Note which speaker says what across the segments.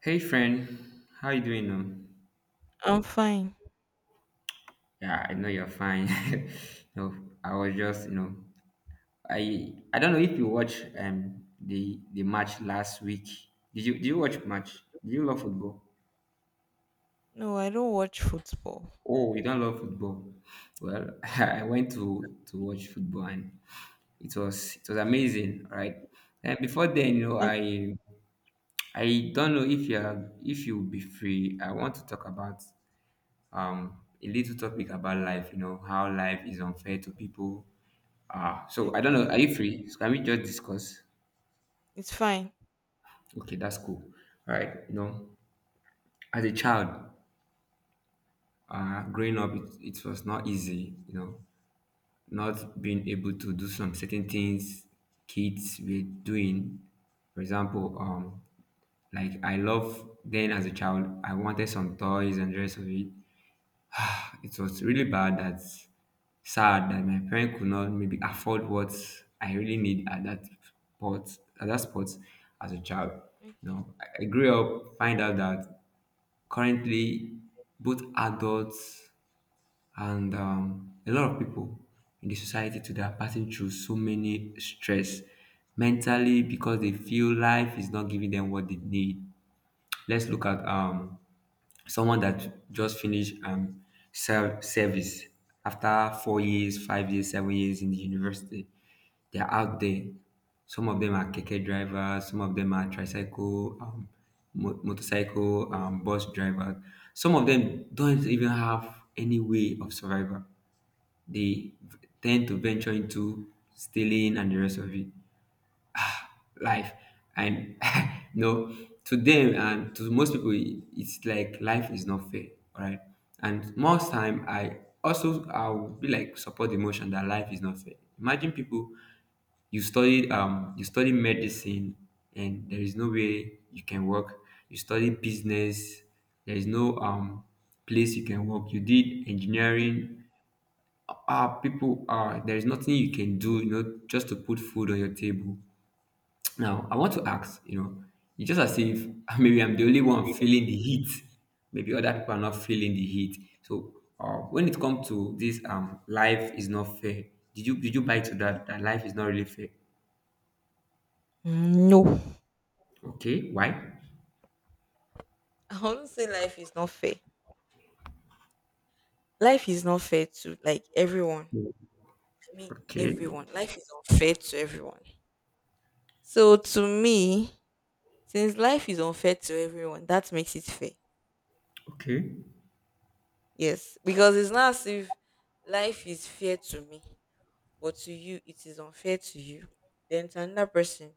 Speaker 1: Hey friend, how you doing?
Speaker 2: I'm fine.
Speaker 1: Yeah, I know you're fine. No, I was just, I don't know if you watch the match last week. Did you watch match? Do you love football?
Speaker 2: No, I don't watch football.
Speaker 1: Oh, you don't love football. Well, I went to watch football, and it was amazing, right? And before then,
Speaker 2: Like,
Speaker 1: I don't know if you'll be free. I want to talk about a little topic about life, how life is unfair to people. So I don't know. Are
Speaker 2: okay,
Speaker 1: you free? So can we just discuss?
Speaker 2: it's fine.
Speaker 1: Okay, that's cool. All right. As a child, growing up, it was not easy, not being able to do some certain things kids were doing. For example, like I love then as a child, I wanted some toys and the rest of it. It was really bad that sad that my parents could not maybe afford what I really need at that spot as a child. I grew up find out that currently both adults and a lot of people in the society today are passing through so many stress mentally because they feel life is not giving them what they need. Let's look at someone that just finished service after 4 years, 5 years, 7 years in the university. They're out there. Some of them are keke drivers, some of them are tricycle, motorcycle, bus drivers. Some of them don't even have any way of survival. Tend to venture into stealing and the rest of it life, and you know to them and to most people, it's like life is not fair, right? And most time I also I'll be like support the motion that life is not fair. Imagine people, you study medicine, and there is no way you can work. You study business, there is no place you can work. You did engineering, people are there is nothing you can do, just to put food on your table. Now, I want to ask, it's just as if maybe I'm the only one feeling the heat. Maybe other people are not feeling the heat. So, when it comes to this, life is not fair. Did you buy to that that life is not really fair?
Speaker 2: Mm, no,
Speaker 1: Okay, why?
Speaker 2: I won't say life is not fair. Life is not fair to like everyone. I mean,
Speaker 1: Okay,
Speaker 2: everyone. Life is unfair to everyone. So to me, since life is unfair to everyone, that makes it fair.
Speaker 1: okay,
Speaker 2: Yes, because it's not as if life is fair to me, but to you it is unfair to you, then to another person,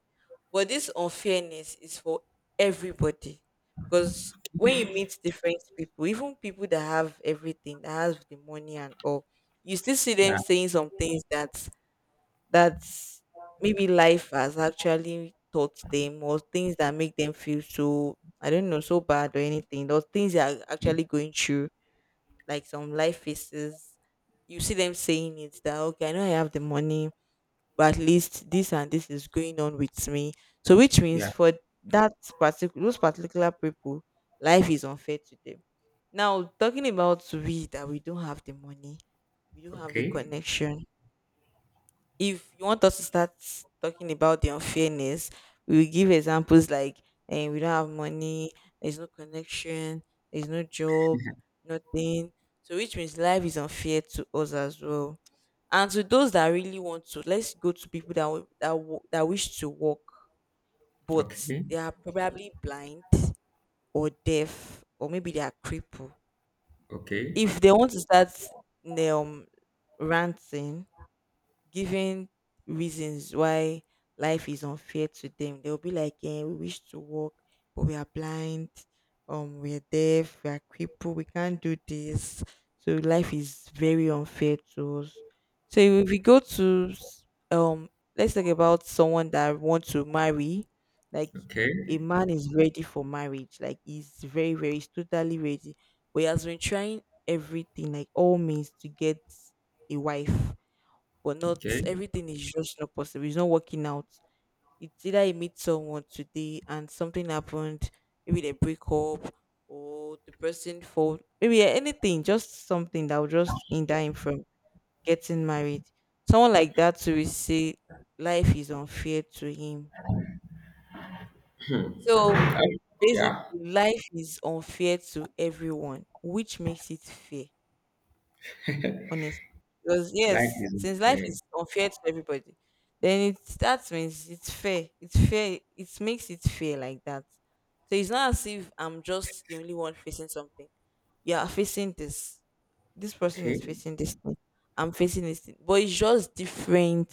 Speaker 2: but this unfairness is for everybody. Because when you meet different people, even people that have everything, that have the money and all, you still see them
Speaker 1: yeah,
Speaker 2: saying some things that, that's maybe life has actually taught them, or things that make them feel so, I don't know, so bad or anything, or things they are actually going through, like some life phases. You see them saying it that okay, I know I have the money, but at least this and this is going on with me. So which means
Speaker 1: yeah,
Speaker 2: for that particular, those particular people, life is unfair to them. Now talking about we that we don't have the money, we don't have the
Speaker 1: okay,
Speaker 2: connection. If you want us to start talking about the unfairness, we will give examples like, and we don't have money, there's no connection, there's no job, nothing. So which means life is unfair to us as well, and to those that really want to, let's go to people that that wish to walk, but
Speaker 1: okay,
Speaker 2: they are probably blind or deaf, or maybe they are crippled.
Speaker 1: okay,
Speaker 2: If they want to start um ranting, giving reasons why life is unfair to them. They'll be like, eh, we wish to work, but we are blind, we are deaf, we are crippled, we can't do this. So life is very unfair to us. So if we go to let's talk about someone that wants to marry, like
Speaker 1: okay,
Speaker 2: a man is ready for marriage, like he's very, very, he's totally ready. But he has been trying everything, like all means to get a wife, but not
Speaker 1: okay,
Speaker 2: everything is just not possible. It's not working out. It's either you meet someone today and something happened, maybe they break up or the person fall, maybe, yeah, anything, just something that will just hinder him from getting married. Someone like that will say life is unfair to him. So
Speaker 1: I-
Speaker 2: basically
Speaker 1: yeah.
Speaker 2: life is unfair to everyone, which makes it fair. Honestly. Because
Speaker 1: Life
Speaker 2: yes,
Speaker 1: is
Speaker 2: since
Speaker 1: not
Speaker 2: life
Speaker 1: fair.
Speaker 2: is unfair to everybody, then it, that means it's fair. It's fair. It makes it fair like that. So it's not as if I'm just the only one facing something. You are facing this. This person
Speaker 1: Okay.
Speaker 2: is facing this thing. I'm facing this thing. But it's just different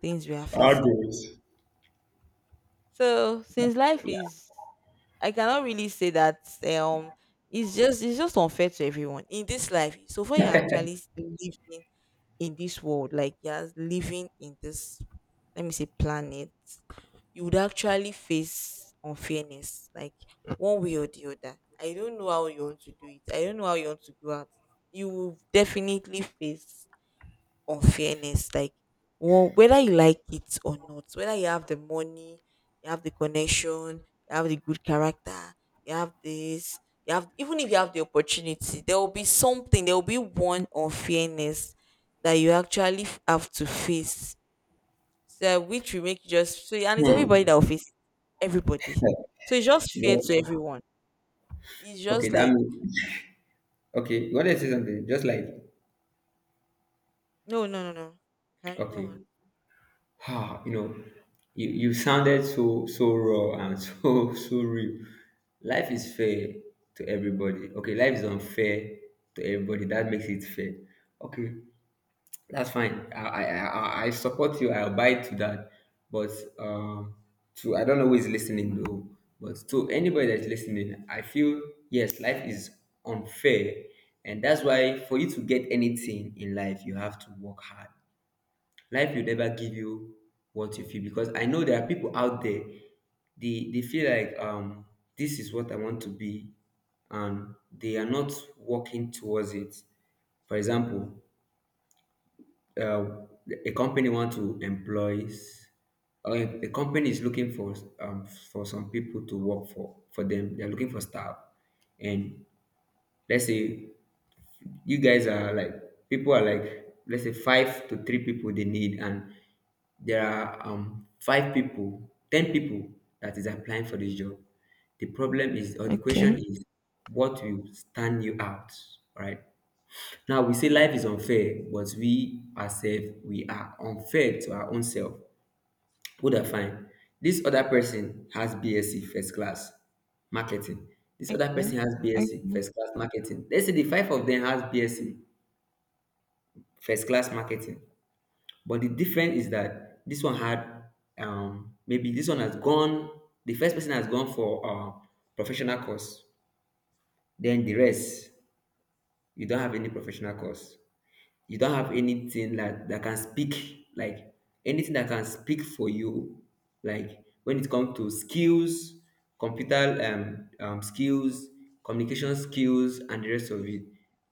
Speaker 2: things we are
Speaker 1: I'll
Speaker 2: facing. So since life is, I cannot really say that um it's just, it's just unfair to everyone in this life. So far, you're actually still living in this world, like you're living in this, let me say, planet, you would actually face unfairness, like one way or the other. I don't know how you want to do it. I don't know how you want to go out. You will definitely face unfairness. Like, well, whether you like it or not, whether you have the money, you have the connection, you have the good character, you have this, you have, even if you have the opportunity, there will be something, there will be one unfairness that you actually have to face. So which will make you just so, and it's everybody that
Speaker 1: Hmm.
Speaker 2: will face it. Everybody. So it's just fair
Speaker 1: You
Speaker 2: to
Speaker 1: know,
Speaker 2: everyone. It's
Speaker 1: okay,
Speaker 2: just
Speaker 1: that
Speaker 2: like,
Speaker 1: means okay. You want to say something? Just like
Speaker 2: no, no, no, no. Can go
Speaker 1: Okay.
Speaker 2: on.
Speaker 1: Ah, you know, you sounded so so raw and so so real. Life is fair to everybody. Okay, life is unfair to everybody. That makes it fair. Okay, that's fine. I support you. I abide to that. But um, to I don't know who is listening though. But to anybody that's listening, I feel yes, life is unfair, and that's why for you to get anything in life, you have to work hard. Life will never give you what you feel because I know there are people out there. They feel like this is what I want to be, and they are not working towards it. For example, uh, a company want to or a company is looking for some people to work for them. They're looking for staff. And let's say you guys are like people are like let's say five to three people they need, and there are five people, ten people that is applying for this job. The problem is, or the question
Speaker 2: Okay.
Speaker 1: is, what will stand you out, right? Now we say life is unfair, but we ourselves we are unfair to our own self. Who that fine? This other person has BSc first class marketing. This other
Speaker 2: Okay.
Speaker 1: person has BSc
Speaker 2: Okay.
Speaker 1: first class marketing. Let's say the five of them has BSc first class marketing. But the difference is that this one had maybe this one has gone. The first person has gone for professional course. Then the rest, you don't have any professional course. You don't have anything that can speak like anything that can speak for you. Like when it comes to skills, computer skills, communication skills, and the rest of it.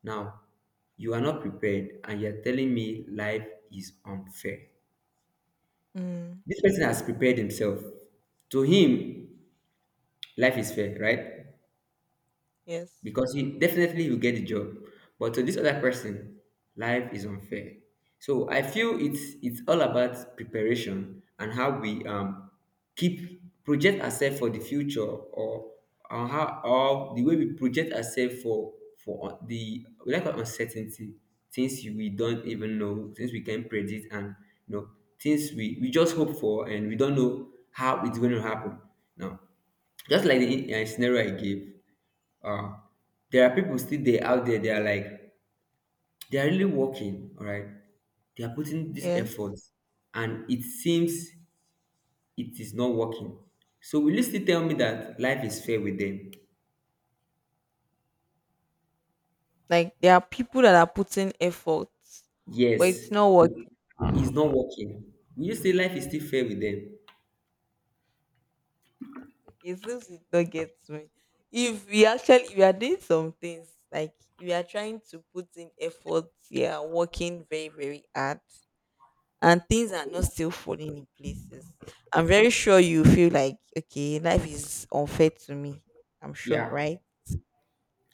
Speaker 1: Now, you are not prepared, and you are telling me life is unfair.
Speaker 2: Mm.
Speaker 1: This person has prepared himself. To him, life is fair, right?
Speaker 2: Yes.
Speaker 1: Because he definitely will get the job. But to this other person, life is unfair. So I feel it's all about preparation and how we keep project ourselves for the future, or how or the way we project ourselves for the we like uncertainty, things we don't even know, things we can predict, and you know things we just hope for, and we don't know how it's going to happen. Now, just like the scenario I gave, uh, there are people still there out there. They are like they are really working. All right, they are putting this
Speaker 2: Yes.
Speaker 1: effort, and it seems it is not working. So will you still tell me that life is fair with them?
Speaker 2: Like there are people that are putting effort, but
Speaker 1: Yes,
Speaker 2: it's not working.
Speaker 1: it's not working. Will you say life is still fair with them?
Speaker 2: It's just, it don't get me. If we actually, if we are doing some things, like we are trying to put in effort, we are working very, very, hard, and things are not still falling in places. I'm very sure you feel like, okay, life is unfair to me. I'm sure,
Speaker 1: Yeah,
Speaker 2: right?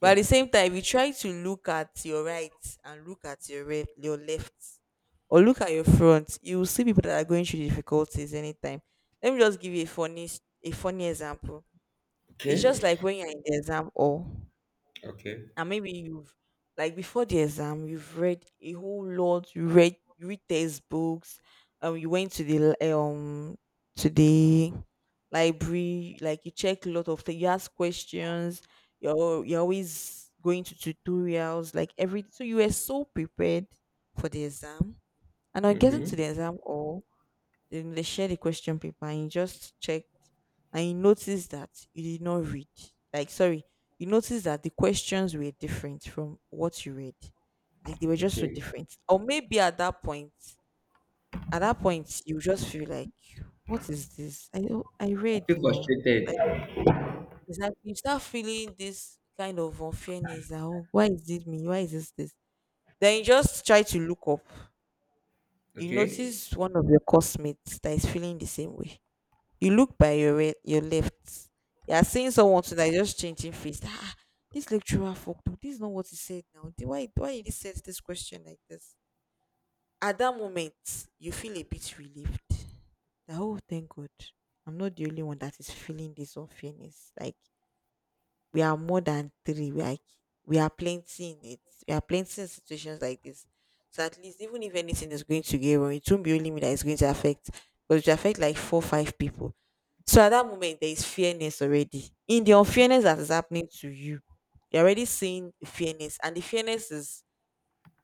Speaker 2: But at the
Speaker 1: yeah.
Speaker 2: same time, if you try to look at your right and look at your your left, or look at your front, you will see people that are going through difficulties anytime. Let me just give you a funny a funny example. It's just
Speaker 1: Okay,
Speaker 2: like when you're in the exam hall,
Speaker 1: okay.
Speaker 2: and maybe you've, like before the exam, you've read a whole lot, you read, you read textbooks, you went to the to the library, like you check a lot of things, you ask questions, you're you're always going to tutorials, like every, so you were so prepared for the exam. And on getting to
Speaker 1: Mm-hmm.
Speaker 2: the exam all, then they share the question paper and you just checked and you noticed that you did not read. Like sorry, you noticed that the questions were different from what you read. Like they were just so
Speaker 1: Okay.
Speaker 2: different. Or maybe at that point you just feel like, what is this? I know I
Speaker 1: I
Speaker 2: read
Speaker 1: feel
Speaker 2: now.
Speaker 1: frustrated.
Speaker 2: Exactly. You start feeling this kind of unfairness that, oh, why is it me? Why is this this? Then you just try to look up. You
Speaker 1: Okay.
Speaker 2: notice one of your classmates that is feeling the same way. You look by your your left. You are seeing someone too that is just changing face. Ah, this lecturer fucked up. This is not what he said now. Then why did he set this question like this? At that moment, you feel a bit relieved. That, oh, thank God. I'm not the only one that is feeling this unfairness. Like we are more than three. We are, we are plenty in it. We are plenty in situations like this. So at least even if anything is going to get wrong, it won't be only me that is going to affect. Because it will affect like four, five people. So at that moment there is fairness already. In the unfairness that is happening to you, you're already seeing fairness. And the fairness is,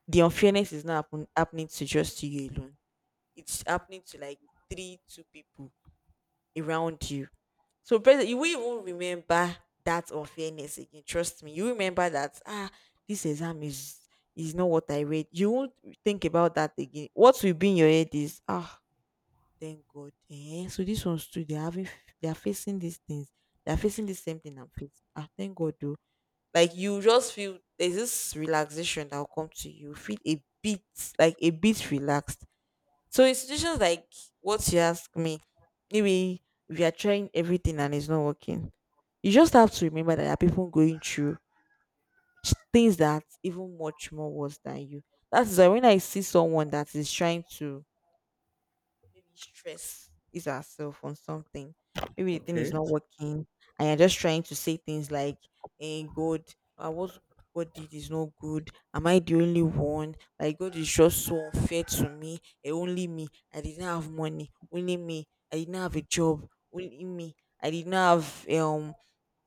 Speaker 2: the unfairness is not happening to just you alone. It's happening to like three, two people around you. So basically, you will even remember that unfairness again. Trust me, you remember that, ah, this exam is not what I read. You won't think about that again. What will be in your head is, ah, thank God. Eh? So this one's too. They're having, they're facing these things. They're facing the same thing I'm facing. Ah, thank God though. Like you just feel there's this relaxation that will come to you. Feel a bit, like a bit relaxed. So in situations like what you ask me, maybe if you are trying everything and it's not working, you just have to remember that there are people going through things that even much more worse than you. That's why when I see someone that is trying to, maybe stress is herself on something. Maybe the thing is
Speaker 1: Okay.
Speaker 2: not working, and you're just trying to say things like, "Hey, God, what God did is not good. Am I the only one? Like God is just so unfair to me. Eh, only me. I didn't have money. Only me. I didn't have a job. Only me. I didn't have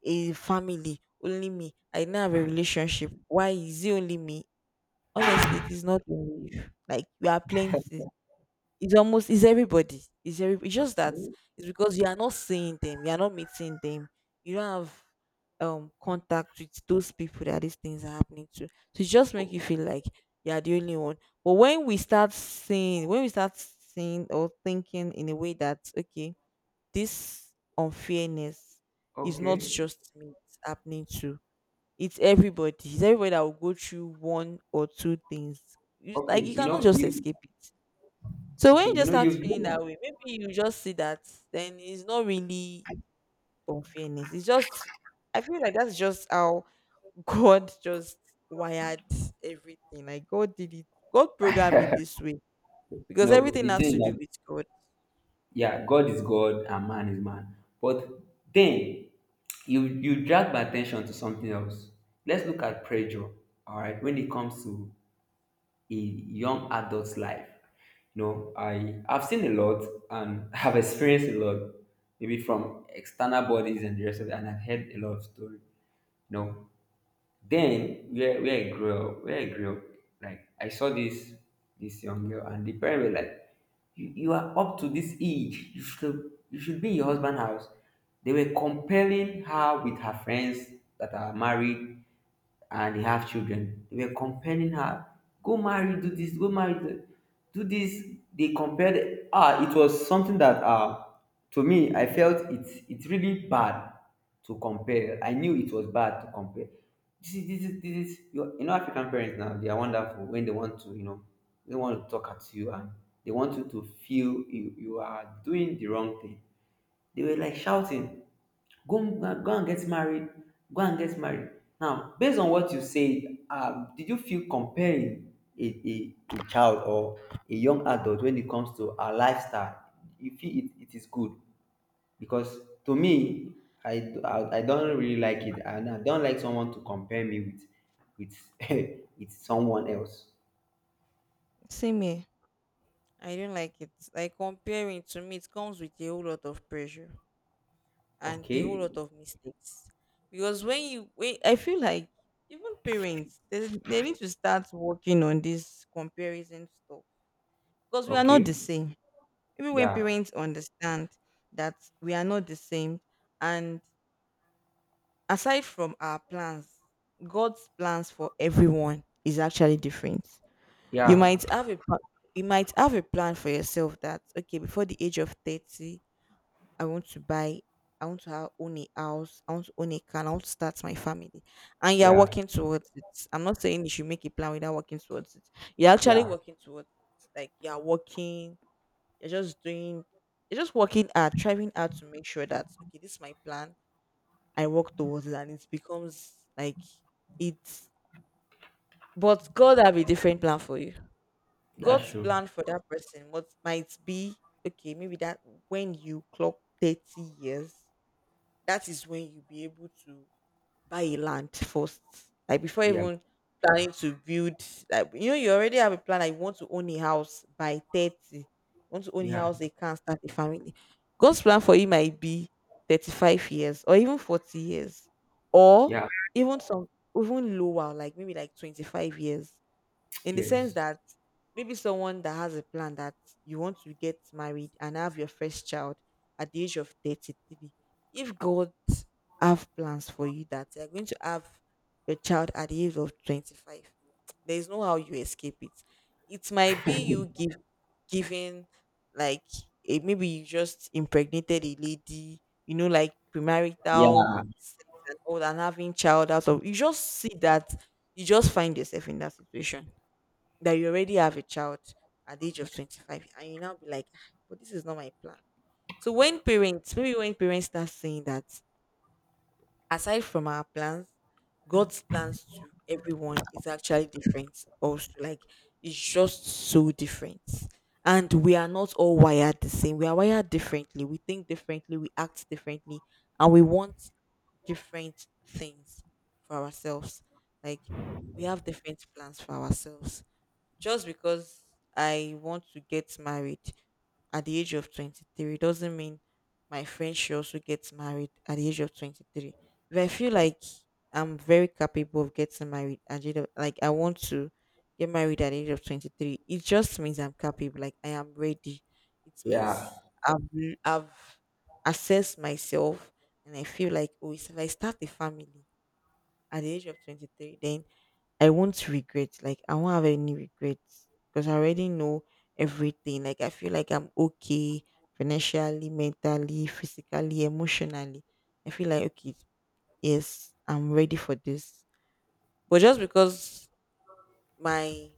Speaker 2: a family. Only me. I didn't have a relationship. Why is it only me? Honestly, it is not only you. Like we are plenty, it's almost, it's everybody. It's every, it's just that
Speaker 1: Okay.
Speaker 2: it's because you are not seeing them, you are not meeting them, you don't have contact with those people that these things are happening to. So it just make you feel like you are the only one. But when we start seeing or thinking in a way that okay, this unfairness is not
Speaker 1: Okay.
Speaker 2: just me, it's happening to, it's everybody. It's everybody that will go through one or two things. You- Like you
Speaker 1: Okay. You
Speaker 2: cannot
Speaker 1: know
Speaker 2: just
Speaker 1: you.
Speaker 2: escape it. So when
Speaker 1: Okay.
Speaker 2: you
Speaker 1: You
Speaker 2: just
Speaker 1: know
Speaker 2: start
Speaker 1: you've
Speaker 2: feeling
Speaker 1: done.
Speaker 2: that way, maybe you just see that then it's not really unfairness. It's just, I feel like that's just how God just wired everything. Like God did it. God programmed it this way because
Speaker 1: No,
Speaker 2: everything
Speaker 1: the
Speaker 2: has
Speaker 1: thing is
Speaker 2: to do
Speaker 1: that
Speaker 2: with God.
Speaker 1: yeah, God is God and man is man. But then you drag my attention to something else. Let's look at pressure. All right, when it comes to a young adult's life, I've seen a lot and have experienced a lot, maybe from external bodies and the rest of it, and I've heard a lot of story. No, then where I grew up, like I saw this young girl, and the parents were like, you are up to this age. You should be in your husband's house. They were comparing her with her friends that are married, and they have children. They were comparing her, go marry, do this, go marry, do this. They compared. Ah, it was something that to me, I felt it's really bad to compare. I knew it was bad to compare. This is African parents now, they are wonderful when they want to, they want to talk at you, and they want you to feel you are doing the wrong thing. They were like shouting, go, go and get married, go and get married. Now, based on what you said, did you feel comparing a child or a young adult when it comes to our lifestyle? You feel it, it is good because to me, I don't really like it, and I don't like someone to compare me with with someone else.
Speaker 2: Same here. I don't like it. Like comparing to me, it comes with a whole lot of pressure. And a whole
Speaker 1: Okay,
Speaker 2: lot of mistakes. Because when you, when I feel like, even parents, they need to start working on this comparison stuff because we are not
Speaker 1: okay,
Speaker 2: the same. Even when
Speaker 1: yeah,
Speaker 2: parents understand that we are not the same, and aside from our plans, God's plans for everyone is actually different. You
Speaker 1: yeah,
Speaker 2: might have a pla- you might have a plan for yourself that, okay, before the age of 30 I want to buy, I want to ha- own a house, I want to own a car, I want to start my family. And you're
Speaker 1: yeah,
Speaker 2: working towards it. I'm not saying you should make a plan without working towards it. You're actually
Speaker 1: yeah.
Speaker 2: working towards it. Like you're working, you're just doing, you're just working hard, trying hard to make sure that, okay, this is my plan. I work towards it and it becomes like it's, but God have a different plan for you.
Speaker 1: That's
Speaker 2: God's
Speaker 1: true.
Speaker 2: plan for that person what might be okay, maybe that when you clock 30 years, that is when you'll be able to buy a land first. Like before
Speaker 1: Yeah,
Speaker 2: even planning to build, like you know, you already have a plan, I want to own a house by 30. You want to own a
Speaker 1: yeah,
Speaker 2: house, they can start a family. God's plan for you might be 35 years or even 40 years. Or
Speaker 1: yeah.
Speaker 2: even some even lower, like maybe like 25 years, in the sense
Speaker 1: Yes.
Speaker 2: that maybe someone that has a plan that you want to get married and have your first child at the age of 33, if god have plans for you that you're going to have your child at the age of 25, there is no how you escape it. It might be you give giving like maybe you just impregnated a lady, you know, like premarital
Speaker 1: Yeah,
Speaker 2: sex and all that, and having child out of, you just see that you just find yourself in that situation that you already have a child at the age of 25, and you now be like, "Ah, but this is not my plan." So when parents, maybe when parents start saying that aside from our plans, god's plans to everyone is actually different, also, like it's just so different. And we are not all wired the same. We are wired differently, we think differently, we act differently, and we want different things for ourselves. Like we have different plans for ourselves. Just because I want to get married at the age of 23 doesn't mean my friend should also get married at the age of 23. If I feel like I'm very capable of getting married at the age of, like I want to get married at the age of 23, it just means I'm capable, like I am ready. It
Speaker 1: yeah.
Speaker 2: means I've assessed myself and I feel like, oh, if I start a family at the age of 23, then I won't regret. Like I won't have any regrets because I already know everything. Like I feel like I'm okay financially, mentally, physically, emotionally. I feel like okay, yes, I'm ready for this. But just because my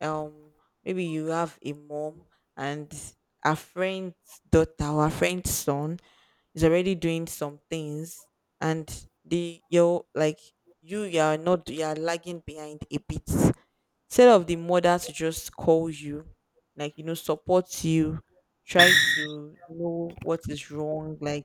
Speaker 2: um maybe you have a mom and a friend's daughter or a friend's son is already doing some things, and the you're like you are not, you are lagging behind a bit. Instead of the mother to just call you, like you know, support you, try to know what is wrong, like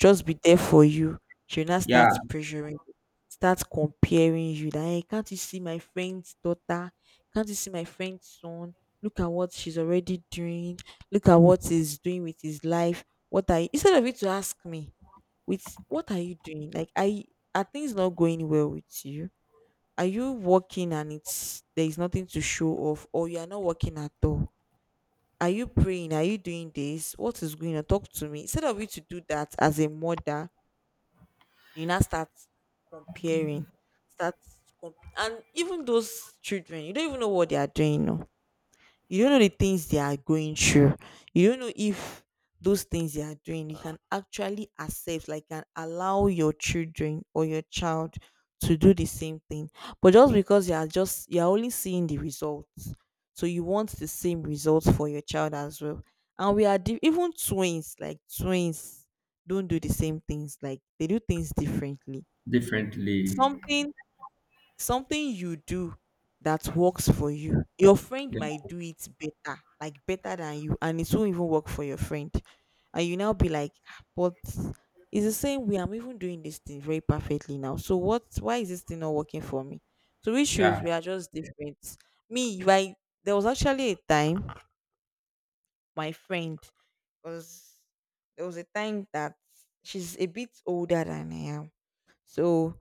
Speaker 2: just be there for you, she will now
Speaker 1: Yeah,
Speaker 2: start pressuring you, start comparing you that, hey, can't you see my friend's daughter, can't you see my friend's son, look at what she's already doing, look at what he's doing with his life. What are you, instead of it to ask me with, what are you doing, like i, are things not going well with you? Are you working and it's there is nothing to show off, or you are not working at all? Are you praying? Are you doing this? What is going on? Talk to me. Instead of you to do that as a mother, you now start comparing, start and even those children, you don't even know what they are doing. No, you don't know the things they are going through, you don't know if those things they are doing you can actually accept, like can allow your children or your child to do the same thing. But just because you are just you're only seeing the results, so you want the same results for your child as well. And we are di- Even twins, like twins don't do the same things, like they do things differently.
Speaker 1: differently.
Speaker 2: something Something you do that works for you, your friend might
Speaker 1: Yeah,
Speaker 2: do it better, like better than you, and it won't even work for your friend. And you now be like, "Ah, but it's the same way I'm even doing this thing very perfectly now, so what, why is this thing not working for me?" So it shows
Speaker 1: yeah,
Speaker 2: we are just different. Me, right, there was actually a time my friend was, there was a time that she's a bit older than I am. So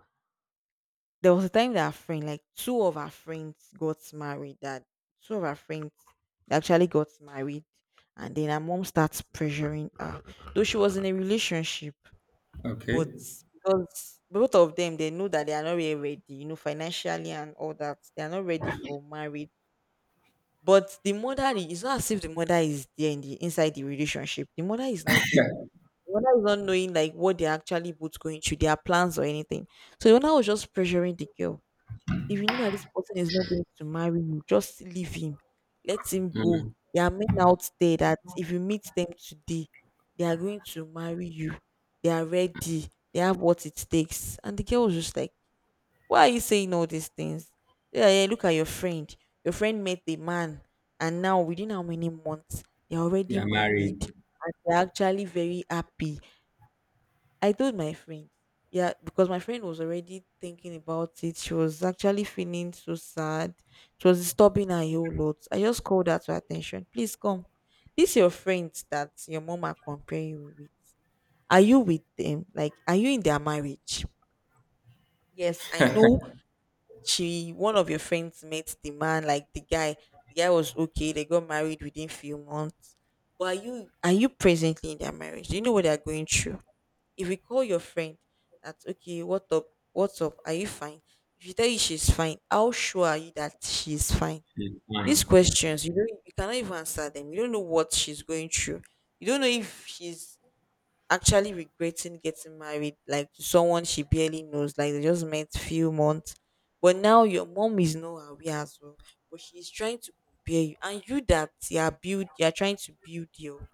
Speaker 2: there was a time that our friend, like two of our friends actually got married. And then her mom starts pressuring her. Though she was in a relationship, but
Speaker 1: okay.
Speaker 2: because both of them they know that they are not really ready, you know, financially and all that. They are not ready for marriage. But the mother I- It's not as if the mother is there in the inside the relationship. The mother is not there. The mother is not knowing like what they're actually both going through, their plans or anything. So the mother was just pressuring the girl, if you know that this person is not going to marry you, just leave him. Let him go. There are men out there that if you meet them today, they are going to marry you. They are ready. They have what it takes. And the girl was just like, why are you saying all these things? Yeah, yeah, look at your friend. Your friend met the man, and now within how many months, they're already
Speaker 1: Yeah,
Speaker 2: married
Speaker 1: married.
Speaker 2: and they're actually very happy. I told my friend, yeah, because my friend was already thinking about it. She was actually feeling so sad. It was disturbing her a whole lot. I just called her to attention. Please come. These your friends that your mom are comparing you with. Are you with them? Like, are you in their marriage? Yes, I know she one of your friends met the man, like the guy. The guy was okay, they got married within few months. But are you, are you presently in their marriage? Do you know what they are going through? If you call your friend that, okay, what up, what's up, are you fine? If you tell you she's fine, how sure are you that she's fine? These questions you don't, you cannot even answer them. You don't know what she's going through. You don't know if she's actually regretting getting married like to someone she barely knows, like they just met few months. But now your mom is not aware as well. But she's trying to compare you. And you that you are build You are trying to build your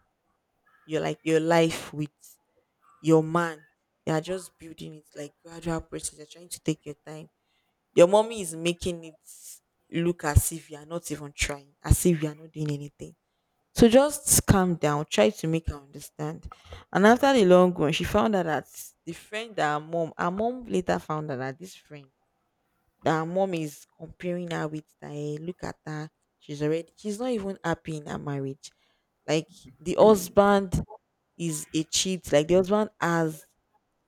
Speaker 2: your like your life with your man. They are just building it like gradual process. They're trying to take your time. Your mommy is making it look as if you are not even trying, as if you are not doing anything. So just calm down. Try to make her understand. And after the long run, she found out that the friend that her mom later found out that this friend that her mom is comparing her with, that, "Eh, look at her. She's already, she's not even happy in her marriage. Like the husband is a cheat. Like the husband has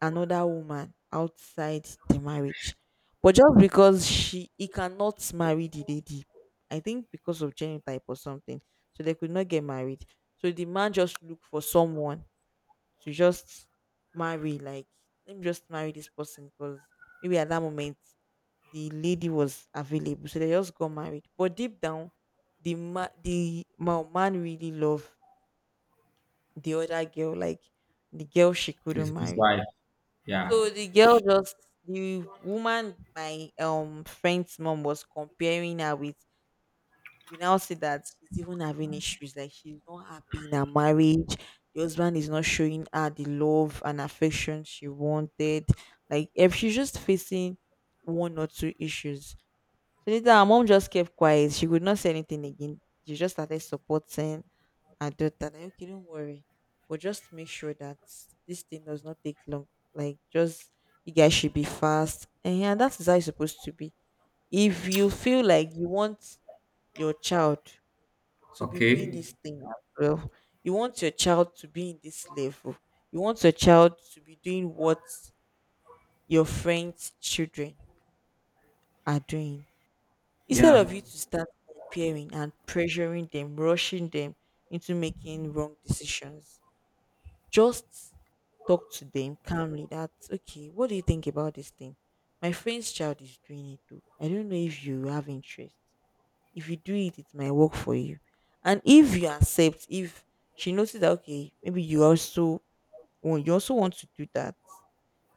Speaker 2: another woman outside the marriage." But just because she he cannot marry the lady, I think because of genotype or something. So they could not get married. So the man just look for someone to just marry, like, let me just marry this person because maybe at that moment the lady was available. So they just got married. But deep down, the man really loved the other girl, like the girl she couldn't
Speaker 1: His
Speaker 2: marry.
Speaker 1: wife. Yeah,
Speaker 2: So the girl just the woman my friend's mom was comparing her with, we now see that she's even having issues, like she's not happy in her marriage. The husband is not showing her the love and affection she wanted. Like if she's just facing one or two issues. So later her mom just kept quiet, she could not say anything again. She just started supporting, I do that. Like, okay, don't worry. But just make sure that this thing does not take long. Like, just you guys should be fast. Eh, and yeah, that's how it's supposed to be. If you feel like you want your child to be doing
Speaker 1: okay.
Speaker 2: this thing as well, you want your child to be in this level, you want your child to be doing what your friends' children are doing. Instead of
Speaker 1: Yeah,
Speaker 2: you to start comparing and pressuring them, rushing them into making wrong decisions, just talk to them calmly that, okay, what do you think about this thing? My friend's child is doing it too. I don't know if you have interest. If you do it, it might work for you. And if you accept, if she notices that okay, maybe you also want to do that,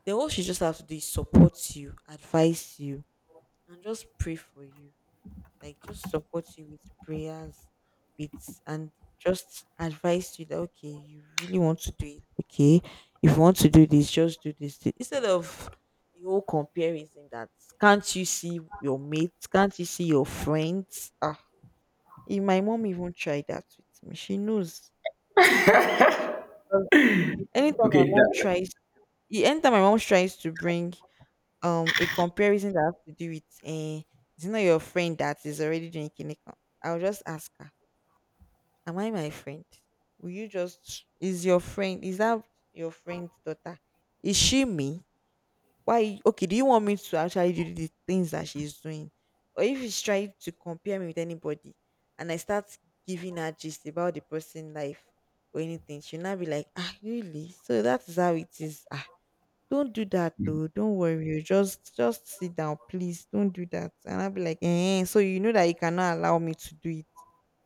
Speaker 2: then all she just has to do is support you, advise you, and just pray for you. Like, just support you with prayers, with, and just advise you that okay, you really want to do it, okay, if you want to do this just do instead of the whole comparison that can't you see your mates, can't you see your friends? Ah, my mom even tried that with me. She knows. Well, anytime my
Speaker 1: okay.
Speaker 2: mom
Speaker 1: That,
Speaker 2: tries, anytime my mom tries to bring a comparison that has to do with it's not your friend that is already doing kiniko. I'll just ask her, am I my friend? Will you just is your friend is that your friend's daughter? Is she me? Why, okay, do you want me to actually do the things that she's doing? Or if she's trying to compare me with anybody and I start giving her gist about the person life or anything, she'll not be like, ah, really? So that's how it is. Ah, don't do that though. Don't worry. You just sit down, please. Don't do that. And I'll be like, eh. So you know that you cannot allow me to do it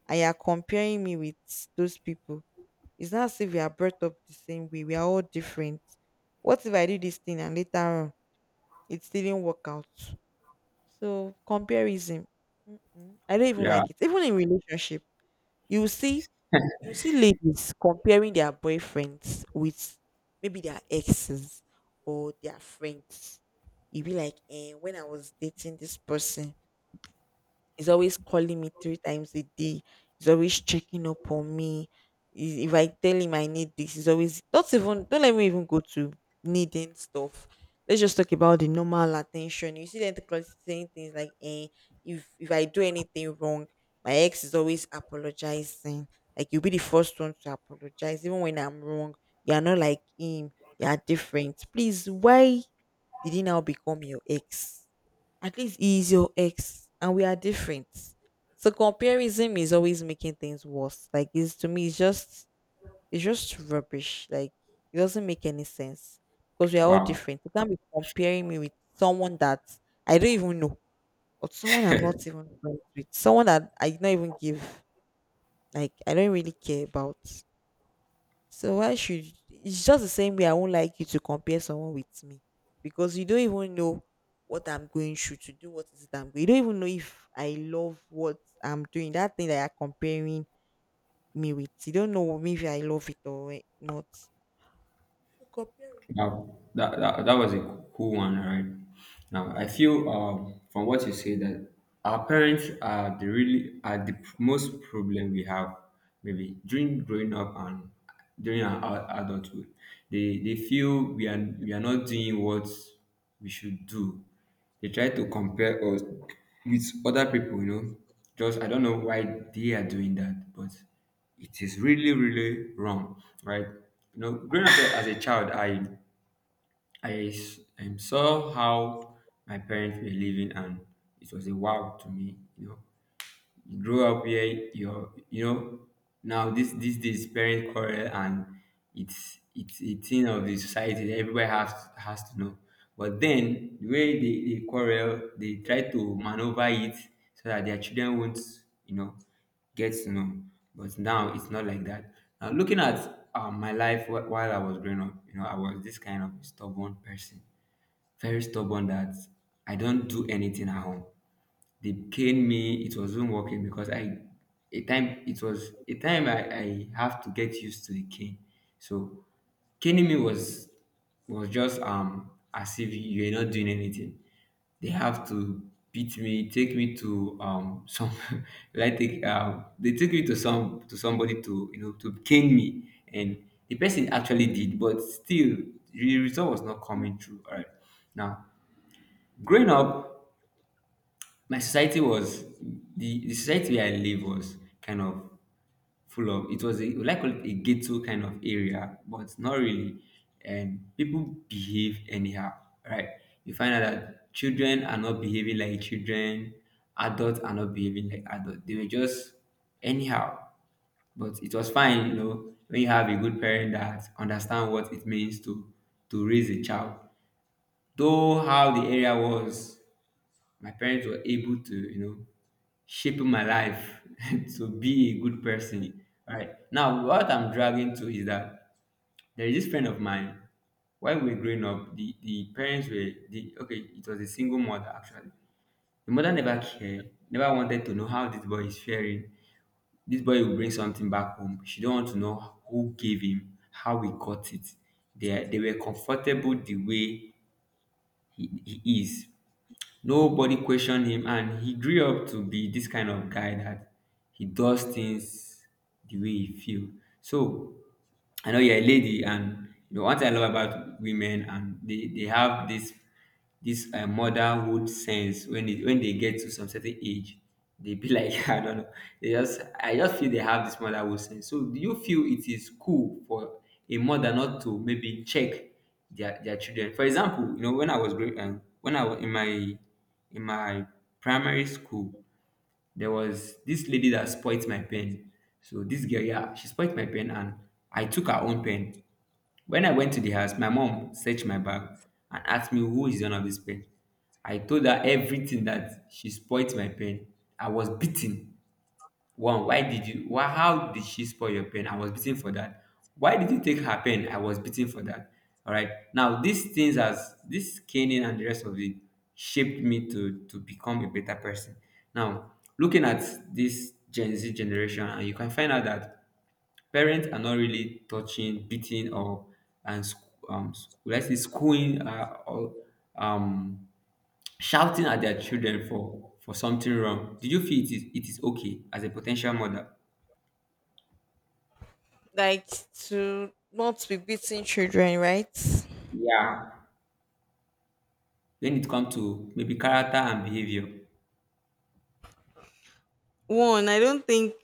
Speaker 2: and you're comparing me with those people. It's not as if we are brought up the same way. We are all different. What if I do this thing and later on it didn't work out? So comparison. Mm-mm. I don't even
Speaker 1: yeah,
Speaker 2: like it. Even in relationship, you will see you will see ladies comparing their boyfriends with maybe their exes or their friends. You be like, eh, when I was dating this person, he's always calling me three times a day. He's always checking up on me. If I tell him I need this, he's always not even, don't let me even go to needing stuff. Let's just talk about the normal attention. You see them saying things like, eh, if I do anything wrong, my ex is always apologizing. Like, you'll be the first one to apologize, even when I'm wrong. You're not like him. You're different. Please, why did he now become your ex? At least he is your ex and we are different. So comparison is always making things worse. Like, it's, to me it's just, it's just rubbish. Like, it doesn't make any sense. Because we are all
Speaker 1: wow.
Speaker 2: different. You can't be comparing me with someone that I don't even know. Or someone I'm not even friends with. Someone that I not even give, like, I don't really care about. So why should, it's just the same way I won't like you to compare someone with me because you don't even know what I'm going through to do what is it I'm going. You don't even know if I love what I'm doing, that thing that you're comparing me with. You don't know, maybe I love it or not. So comparing,
Speaker 1: Now that was a cool one, right? Now I feel from what you say that our parents are the really are the most problem we have maybe during growing up and during our adulthood. They feel we are not doing what we should do. They try to compare us with other people. Just I don't know why they are doing that, but it is really really wrong, right? Growing up as a child, I saw how my parents were living, and it was a wow to me. You grow up here, you're, now this these days parent quarrel, and it's a thing of the society that everybody has to know. But then the way they quarrel, they try to maneuver it so that their children won't, you know, get to know. But now it's not like that. Now looking at my life while I was growing up, I was this kind of stubborn person, very stubborn, that I don't do anything at home. They cane me. It wasn't working because I, a time it was a time I have to get used to the cane. So caning me was just as if you're not doing anything. They have to beat me, take me to some like take they take me to some to somebody to to cane me, and the person actually did, but still the result was not coming through. All right now. Growing up, my society was, the society where I live was kind of full of, it was a, like a ghetto kind of area, but not really. And people behave anyhow, right? You find out that children are not behaving like children, adults are not behaving like adults. They were just anyhow. But it was fine, you know, when you have a good parent that understand what it means to raise a child. Though how the area was, my parents were able to, you know, shape my life to be a good person. Right. Now, what I'm dragging to is that there is this friend of mine. While we were growing up, the parents were, the, okay, it was a single mother actually. The mother never cared, never wanted to know how this boy is faring. This boy will bring something back home. She don't want to know who gave him, how he got it. They were comfortable the way he, he is. Nobody questioned him, and he grew up to be this kind of guy that he does things the way he feel. So I know you're a lady, and you know what I love about women, and they have this motherhood sense when it, when they get to some certain age, they be like, I don't know. They just, I just feel they have this motherhood sense. So, do you feel it is cool for a mother not to maybe check their children? For example, you know, when I was growing, when I was in my primary school, there was this lady that spoilt my pen. So this girl, yeah, she spoilt my pen, and I took her own pen. When I went to the house, my mom searched my bag and asked me who is the owner of this pen. I told her everything, that she spoilt my pen. I was beaten. One, why did you, why, how did she spoil your pen? I was beaten for that. Why did you take her pen? I was beaten for that. Alright. Now these things, as this caning and the rest of it, shaped me to become a better person. Now, looking at this Gen Z generation, and you can find out that parents are not really touching, beating, or and sc- will I say schooling or um, shouting at their children for something wrong. Did you feel it is okay as a potential mother?
Speaker 2: like, to not be beating children, right?
Speaker 1: Yeah. When it comes to maybe character and behavior,
Speaker 2: One, I don't think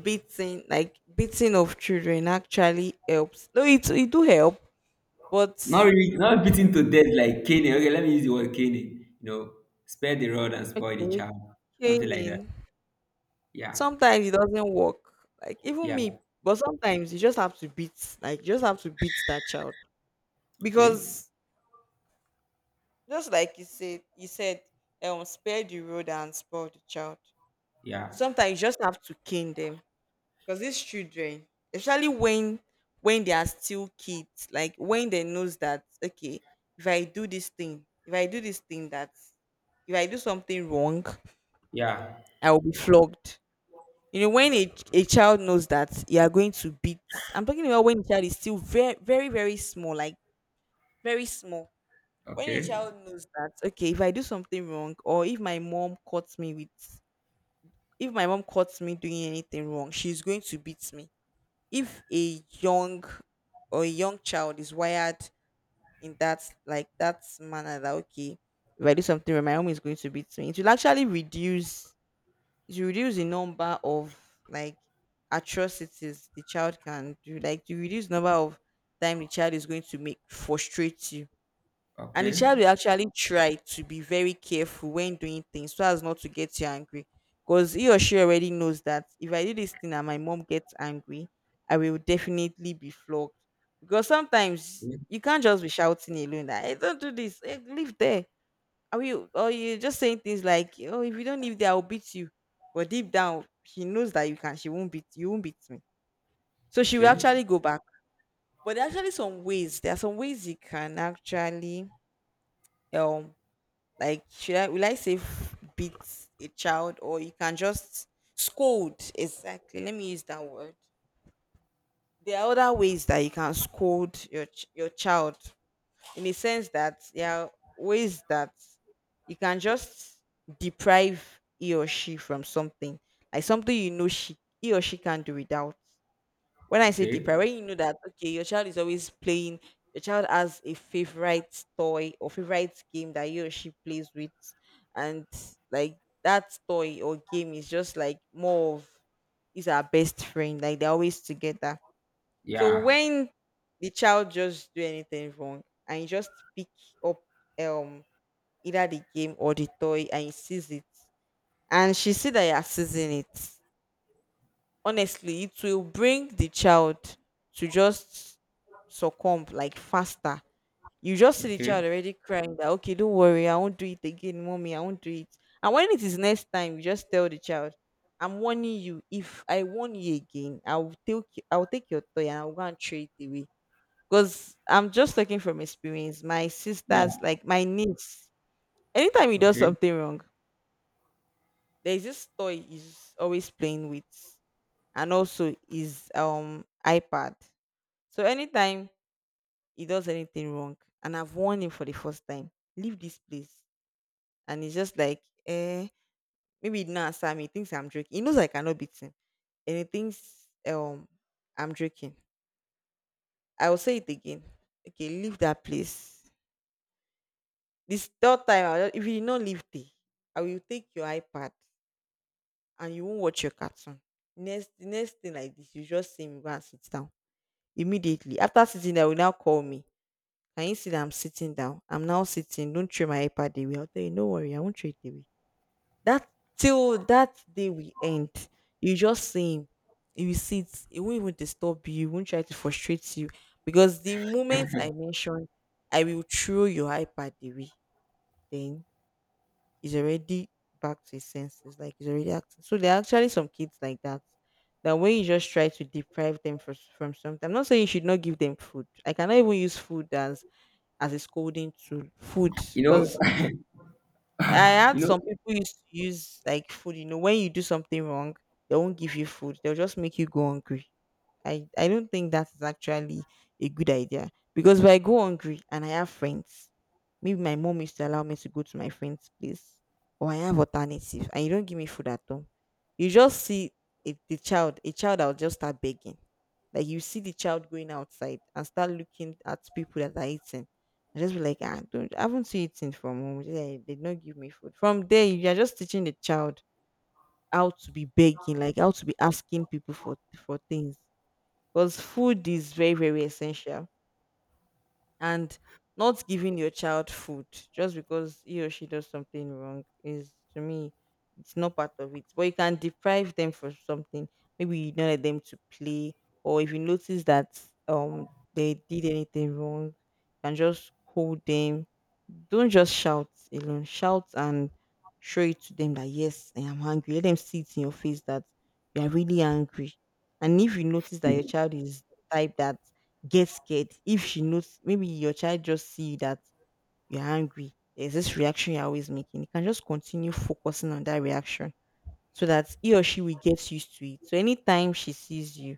Speaker 2: beating, like, beating of children actually helps. No, it it do help, but
Speaker 1: not really, not beating to death like caning. Okay, let me use the word caning. You know, spare the rod and spoil the
Speaker 2: okay,
Speaker 1: child, something like
Speaker 2: caning.
Speaker 1: that. Yeah,
Speaker 2: Sometimes it doesn't work. Like, even
Speaker 1: yeah,
Speaker 2: me, but sometimes you just have to beat, like you just have to beat that child
Speaker 1: okay,
Speaker 2: because just like you said, spare the road and spoil the child.
Speaker 1: yeah,
Speaker 2: Sometimes you just have to cane them because these children, especially when they are still kids, like when they knows that okay, if I do this thing, if I do this thing, that if I do something wrong,
Speaker 1: yeah,
Speaker 2: I will be flogged. You know, when a child knows that you are going to beat, I'm talking about when the child is still very small, like very small. When a
Speaker 1: okay,
Speaker 2: child knows that okay, if I do something wrong, or if my mom caught me with, if my mom caught me doing anything wrong, she's going to beat me. If a young or a young child is wired in that, like that manner, that okay, if I do something wrong my mom is going to beat me, it will actually reduce, to reduce the number of, like, atrocities the child can do, like to reduce number of time the child is going to make frustrate you. And the
Speaker 1: okay,
Speaker 2: child will actually try to be very careful when doing things so as not to get you angry. Because he or she already knows that if I do this thing and my mom gets angry, I will definitely be flogged. Because sometimes you can't just be shouting alone that hey, don't do this, hey, leave there. Are you, or you just saying things like, "Oh, if you don't leave there, I'll beat you." But deep down, she knows that you can. She won't beat you. Won't beat me. So she will
Speaker 1: okay,
Speaker 2: actually go back. But there are actually some ways. There are some ways you can actually um like, should I, will I say f- beat a child, or you can just scold, exactly. Let me use that word. There are other ways that you can scold your your child in a sense that there are ways that you can just deprive he or she from something, like something you know she, he or she can't do without. When I say deprive,
Speaker 1: okay.
Speaker 2: when you know that okay, your child is always playing, your child has a favorite toy or favorite game that he or she plays with, and, like, that toy or game is just like more of, is our best friend, like they're always together. So
Speaker 1: Yeah.
Speaker 2: when the child just do anything wrong and you just pick up um either the game or the toy and you seize it, and she see that you are seizing it, honestly, it will bring the child to just succumb, like, faster. You just see the
Speaker 1: Okay.
Speaker 2: child already crying that, okay, don't worry, I won't do it again, mommy, I won't do it. And when it is next time, you just tell the child, I'm warning you, if I warn you again, I'll take your toy and I'll go and throw it away because I'm just talking from experience. My sisters,
Speaker 1: Yeah.
Speaker 2: like my niece, anytime he does
Speaker 1: Okay.
Speaker 2: something wrong, there's this toy he's always playing with, and also his iPad. So anytime he does anything wrong, and I've warned him for the first time, leave this place, and he's just like, eh, maybe he didn't answer me. He thinks I'm joking. He knows I cannot beat him, and he thinks I'm joking. I will say it again. Okay, leave that place. This third time, I will just, if you no leave day, I will take your iPad and you won't watch your cartoon. Next, the next thing like this, you just see me go and sit down immediately. After sitting down, you now call me. Can you see that I'm sitting down? I'm now sitting. Don't throw my iPad away. I'll tell you, no worry, I won't throw it away. That till that day we end, you just see him. You sit. It won't even disturb you. It won't try to frustrate you because the moment I mention, I will throw your iPad away. Then is already back to his senses, like he's already acting. So there are actually some kids like that. That when you just try to deprive them for, from something, I'm not saying you should not give them food. I cannot even use food as a scolding tool. Food,
Speaker 1: You
Speaker 2: because
Speaker 1: know.
Speaker 2: I had
Speaker 1: You know.
Speaker 2: some people used to use like food. You know, when you do something wrong, they won't give you food. They'll just make you go hungry. I don't think that is actually a good idea because if I go hungry and I have friends, maybe my mom used to allow me to go to my friend's place, or I have alternative, and you don't give me food at home, you just see, if the child, a child that will just start begging, like you see the child going outside and start looking at people that are eating. I just be like, ah, don't, I haven't seen eating from home. They did not give me food. From there, you are just teaching the child how to be begging, like how to be asking people for things, because food is very very essential. And not giving your child food just because he or she does something wrong is, to me, it's not part of it. But you can deprive them for something. Maybe you don't let them to play, or if you notice that um they did anything wrong, you can just hold them. Don't just shout alone, shout and show it to them that yes, I am angry. Let them see it in your face that you are really angry. And if you notice that your
Speaker 1: Hmm.
Speaker 2: child is the type that get scared, if she knows, maybe your child just see that you're angry, there's this reaction you're always making, you can just continue focusing on that reaction, so that he or she will get used to it. So anytime she sees you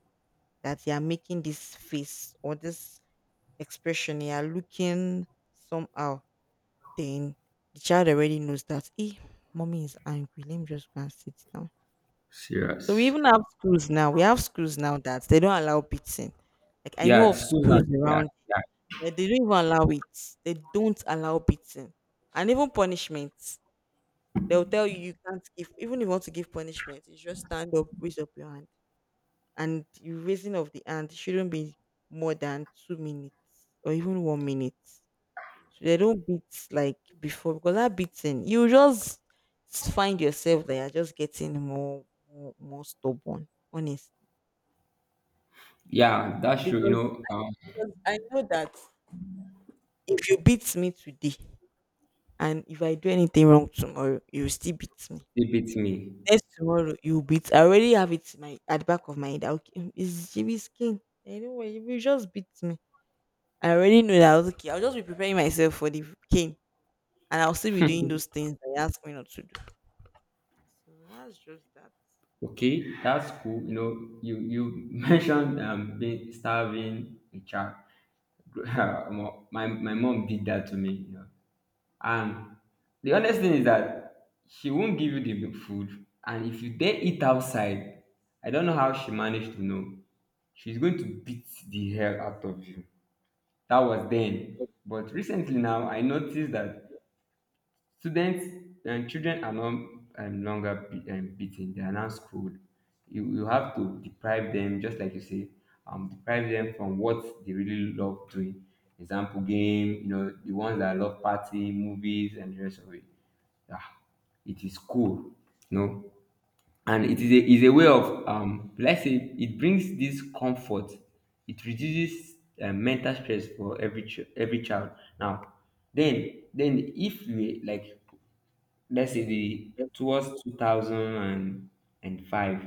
Speaker 2: that you're making this face or this expression, you're looking somehow, then the child already knows that hey, mommy is angry, let me just go and sit down. So we
Speaker 1: Serious.
Speaker 2: even have schools now, we have schools now that they don't allow beating. Like I know
Speaker 1: Yeah.
Speaker 2: of
Speaker 1: Schools now.
Speaker 2: schools
Speaker 1: Yeah.
Speaker 2: around.
Speaker 1: Yeah.
Speaker 2: Like they don't even allow it. They don't allow beating. And even punishment. They'll tell you you can't give, even if you want to give punishment, you just stand up, raise up your hand. And you raising of the hand shouldn't be more than 2 minutes or even 1 minute. So they don't beat like before, because that beating, you just find yourself that you're just getting more, more stubborn, honestly.
Speaker 1: Yeah. That's true. You
Speaker 2: Because,
Speaker 1: know.
Speaker 2: because I know that if you beat me today, and if I do anything wrong tomorrow, you will still beat me.
Speaker 1: They beat me.
Speaker 2: Next tomorrow, you beat. I already have it in my, at the back of my head, that okay, it's Jimmy's king. Anyway, you will just beat me. I already know that I was okay. I'll just be preparing myself for the king, and I'll still be doing those things that he asked me not to do. So that's just that.
Speaker 1: Okay. That's cool. You know. You mentioned being starving a child. My mom did that to me. You know. And the honest thing is that she won't give you the food, and if you dare eat outside, I don't know how she managed to know. She's going to beat the hell out of you. That was then. But recently now, I noticed that students and children are not longer be, beaten. They are now schooled. You have to deprive them, just like you say, deprive them from what they really love doing. Example, game, you know, the ones that love party, movies, and the rest of it. Yeah, it is cool. No, and it is a way of, let's say, it brings this comfort, it reduces mental stress for every child. Now then if we like, let's say, the towards 2005,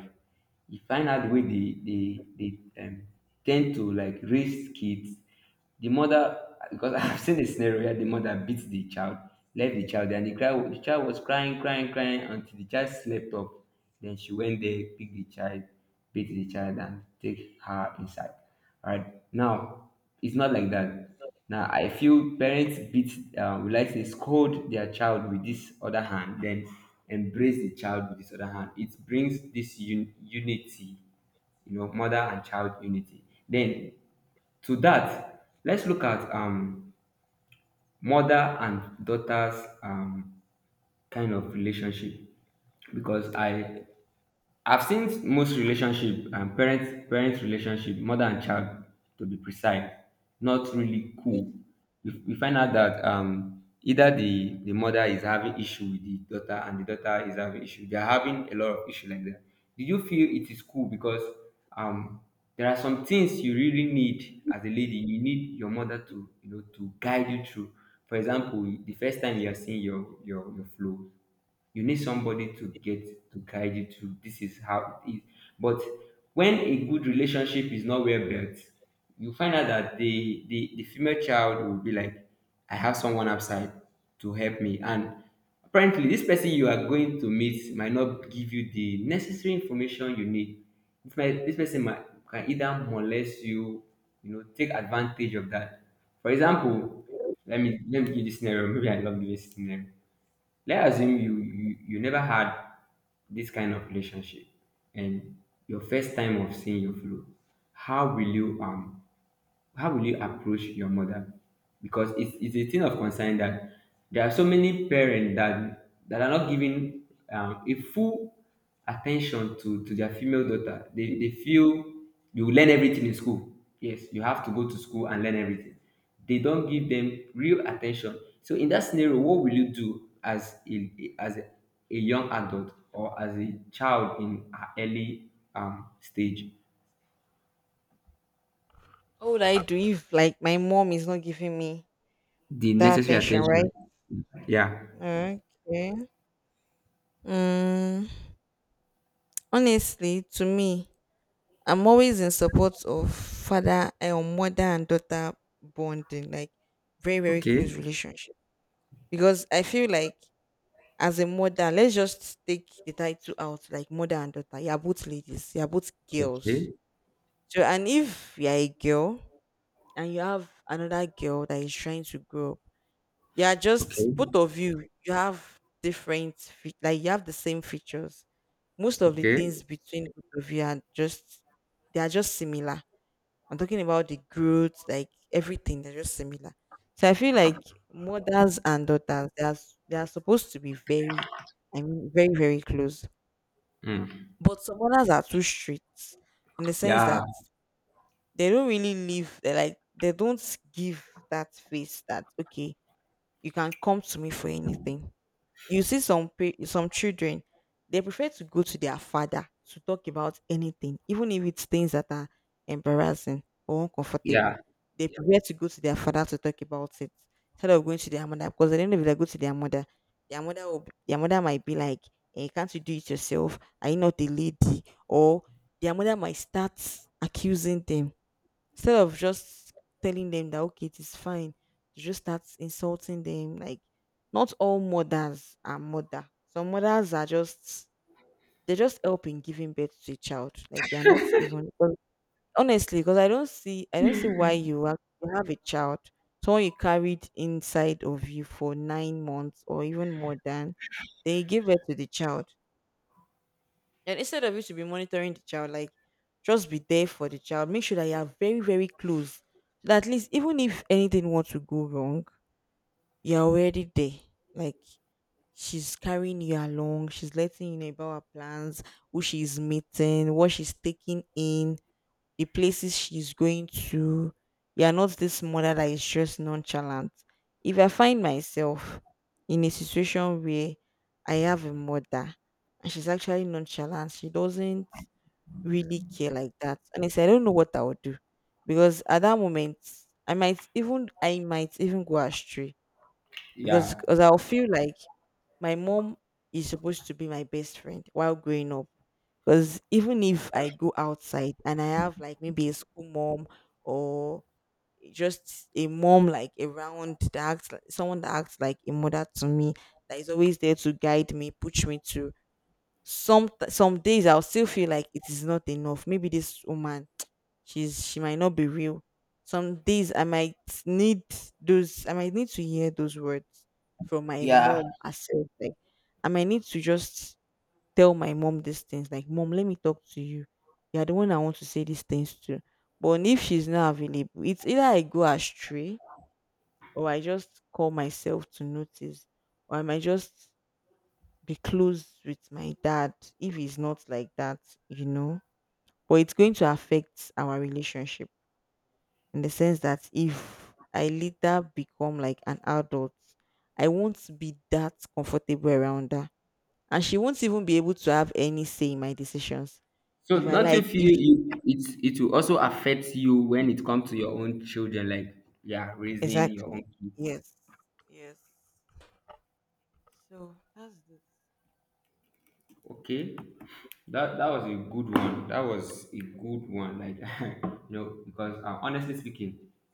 Speaker 1: you find out the way they tend to like raise kids. The mother, because I've seen a scenario where the mother beat the child, left the child, and the, cry, the child was crying, crying, crying until the child slept off. Then she went there, picked the child, beat the child, and take her inside. All right. Now, it's not like that. Now, I feel parents beat, we like to scold their child with this other hand, then embrace the child with this other hand. It brings this unity, you know, mother and child unity. Then to that, let's look at mother and daughter's um, kind of relationship. Because I've seen most relationship and parent relationship, mother and child to be precise, not really cool. We, you find out that either the mother is having issue with the daughter, and the daughter is having issue. They are having a lot of issue like that. Do you feel it is cool? Because um there are some things you really need as a lady. You need your mother to, you know, to guide you through. For example, the first time you are seeing your your flow, you need somebody to get to guide you through, this is how it is. But when a good relationship is not well built, you find out that the the female child will be like, I have someone outside to help me. And apparently, this person you are going to meet might not give you the necessary information you need. This, might, this person might can either molest you, you know, take advantage of that. For example, let me give you this scenario, maybe I love this scenario. Let's assume you never had this kind of relationship, and your first time of seeing your flow, how will you um how will you approach your mother? Because it's a thing of concern that there are so many parents that are not giving a full attention to their female daughter. They feel you learn everything in school. Yes, you have to go to school and learn everything. They don't give them real attention. So in that scenario, what will you do as a young adult, or as a child in an early stage?
Speaker 2: What would I do if like my mom is not giving me
Speaker 1: The
Speaker 2: that
Speaker 1: necessary
Speaker 2: attention,
Speaker 1: attention. Yeah.
Speaker 2: right? Okay. Mm, honestly, to me, I'm always in support of father mother and daughter bonding, like very, very
Speaker 1: Okay.
Speaker 2: close relationship. Because I feel like as a mother, let's just take the title out, like mother and daughter. You're both ladies, you're both girls.
Speaker 1: Okay,
Speaker 2: So and if you're a girl and you have another girl that is trying to grow up, you are
Speaker 1: okay,
Speaker 2: just, both of you, you have different like you have the same features. Most of the
Speaker 1: okay.
Speaker 2: things between both of you are just, they are just similar. I'm talking about the growth, like everything. They're just similar. So I feel like mothers and daughters, they are, they are supposed to be very, I mean, very, very close.
Speaker 1: Mm.
Speaker 2: But some mothers are too strict, in the sense
Speaker 1: Yeah,
Speaker 2: that they don't really live, they like, they don't give that face that, okay, you can come to me for anything. You see some some children, they prefer to go to their father to talk about anything, even if it's things that are embarrassing or uncomfortable.
Speaker 1: yeah,
Speaker 2: They, yeah, prefer to go to their father to talk about it instead of going to their mother, because they don't know, if they go to their mother will, their mother might be like, eh, "Can't you do it yourself? Are you not a lady?" Or their mother might start accusing them. Instead of just telling them that okay, it is fine, you just start insulting them. Like, not all mothers are mother. Some mothers are just, they just help in giving birth to a child. Like, they are not even honestly, because I don't see why you have a child, someone you carried inside of you for 9 months or even more than, then you give birth to the child, and instead of you to be monitoring the child, like just be there for the child. Make sure that you are very, very close. So that at least, even if anything wants to go wrong, you're already there. Like, she's carrying you along, she's letting you know about her plans, who she's meeting, what she's taking in, the places she's going to. You're not this mother that is just nonchalant. If I find myself in a situation where I have a mother and she's actually nonchalant, she doesn't really care like that. And I said, I don't know what I would do, because at that moment, I might even go astray. because
Speaker 1: yeah.
Speaker 2: because I'll feel like my mom is supposed to be my best friend while growing up. Because even if I go outside and I have like maybe a school mom, or just a mom like around that acts like, someone that acts like a mother to me, that is always there to guide me, push me to, some days I'll still feel like it is not enough. Maybe this woman, she might not be real. Some days I might need those. I might need to hear those words from my
Speaker 1: Yeah.
Speaker 2: mom herself. Like, I might need to just tell my mom these things. Like, mom, let me talk to you. You're the one I want to say these things to. But if she's not available, it's either I go astray, or I just call myself to notice, or I might just be close with my dad if he's not like that, you know. But it's going to affect our relationship, in the sense that if I later become like an adult, I won't be that comfortable around her. And she won't even be able to have any say in my decisions. If
Speaker 1: So
Speaker 2: I
Speaker 1: don't you
Speaker 2: like,
Speaker 1: feel
Speaker 2: if
Speaker 1: you, it will also affect you when it comes to your own children, like, yeah, raising your own
Speaker 2: exactly.
Speaker 1: kids.
Speaker 2: Yes. Yes. So that's it.
Speaker 1: Okay. That that was a good one. That was a good one. Like, you know, because honestly speaking,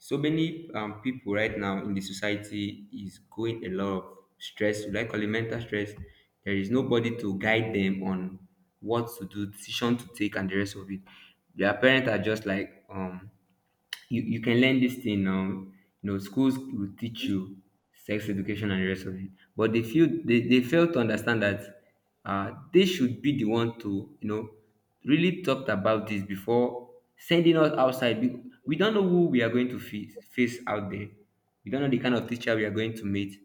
Speaker 1: so many people right now in the society is going a lot of stress, like elemental stress. There is nobody to guide them on what to do, decision to take, and the rest of it. Their parents are just like, you, you can learn this thing now. You know, schools will teach you sex education and the rest of it, but they feel they fail to understand that they should be the one to, you know, really talked about this before sending us outside. We don't know who we are going to face, face out there. We don't know the kind of teacher we are going to meet.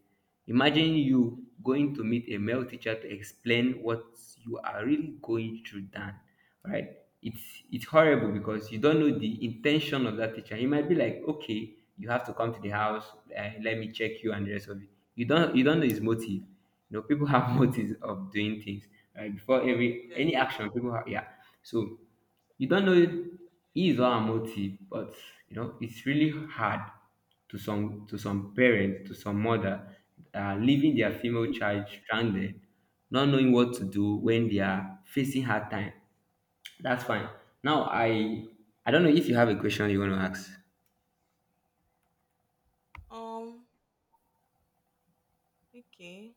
Speaker 1: Imagine you going to meet a male teacher to explain what you are really going through, Dan. Right? It's horrible because you don't know the intention of that teacher. He might be like, okay, you have to come to the house, let me check you and the rest of it. You don't know his motive. You know, people have motives of doing things. Right? Before every
Speaker 2: Yes.
Speaker 1: any action, people have, yeah. So you don't know his or her motive, but you know, it's really hard to some, to some parent, to some mother, leaving their female child stranded, not knowing what to do when they are facing hard time. That's fine. Now, I don't know if you have a question you want to ask.
Speaker 2: Um, okay.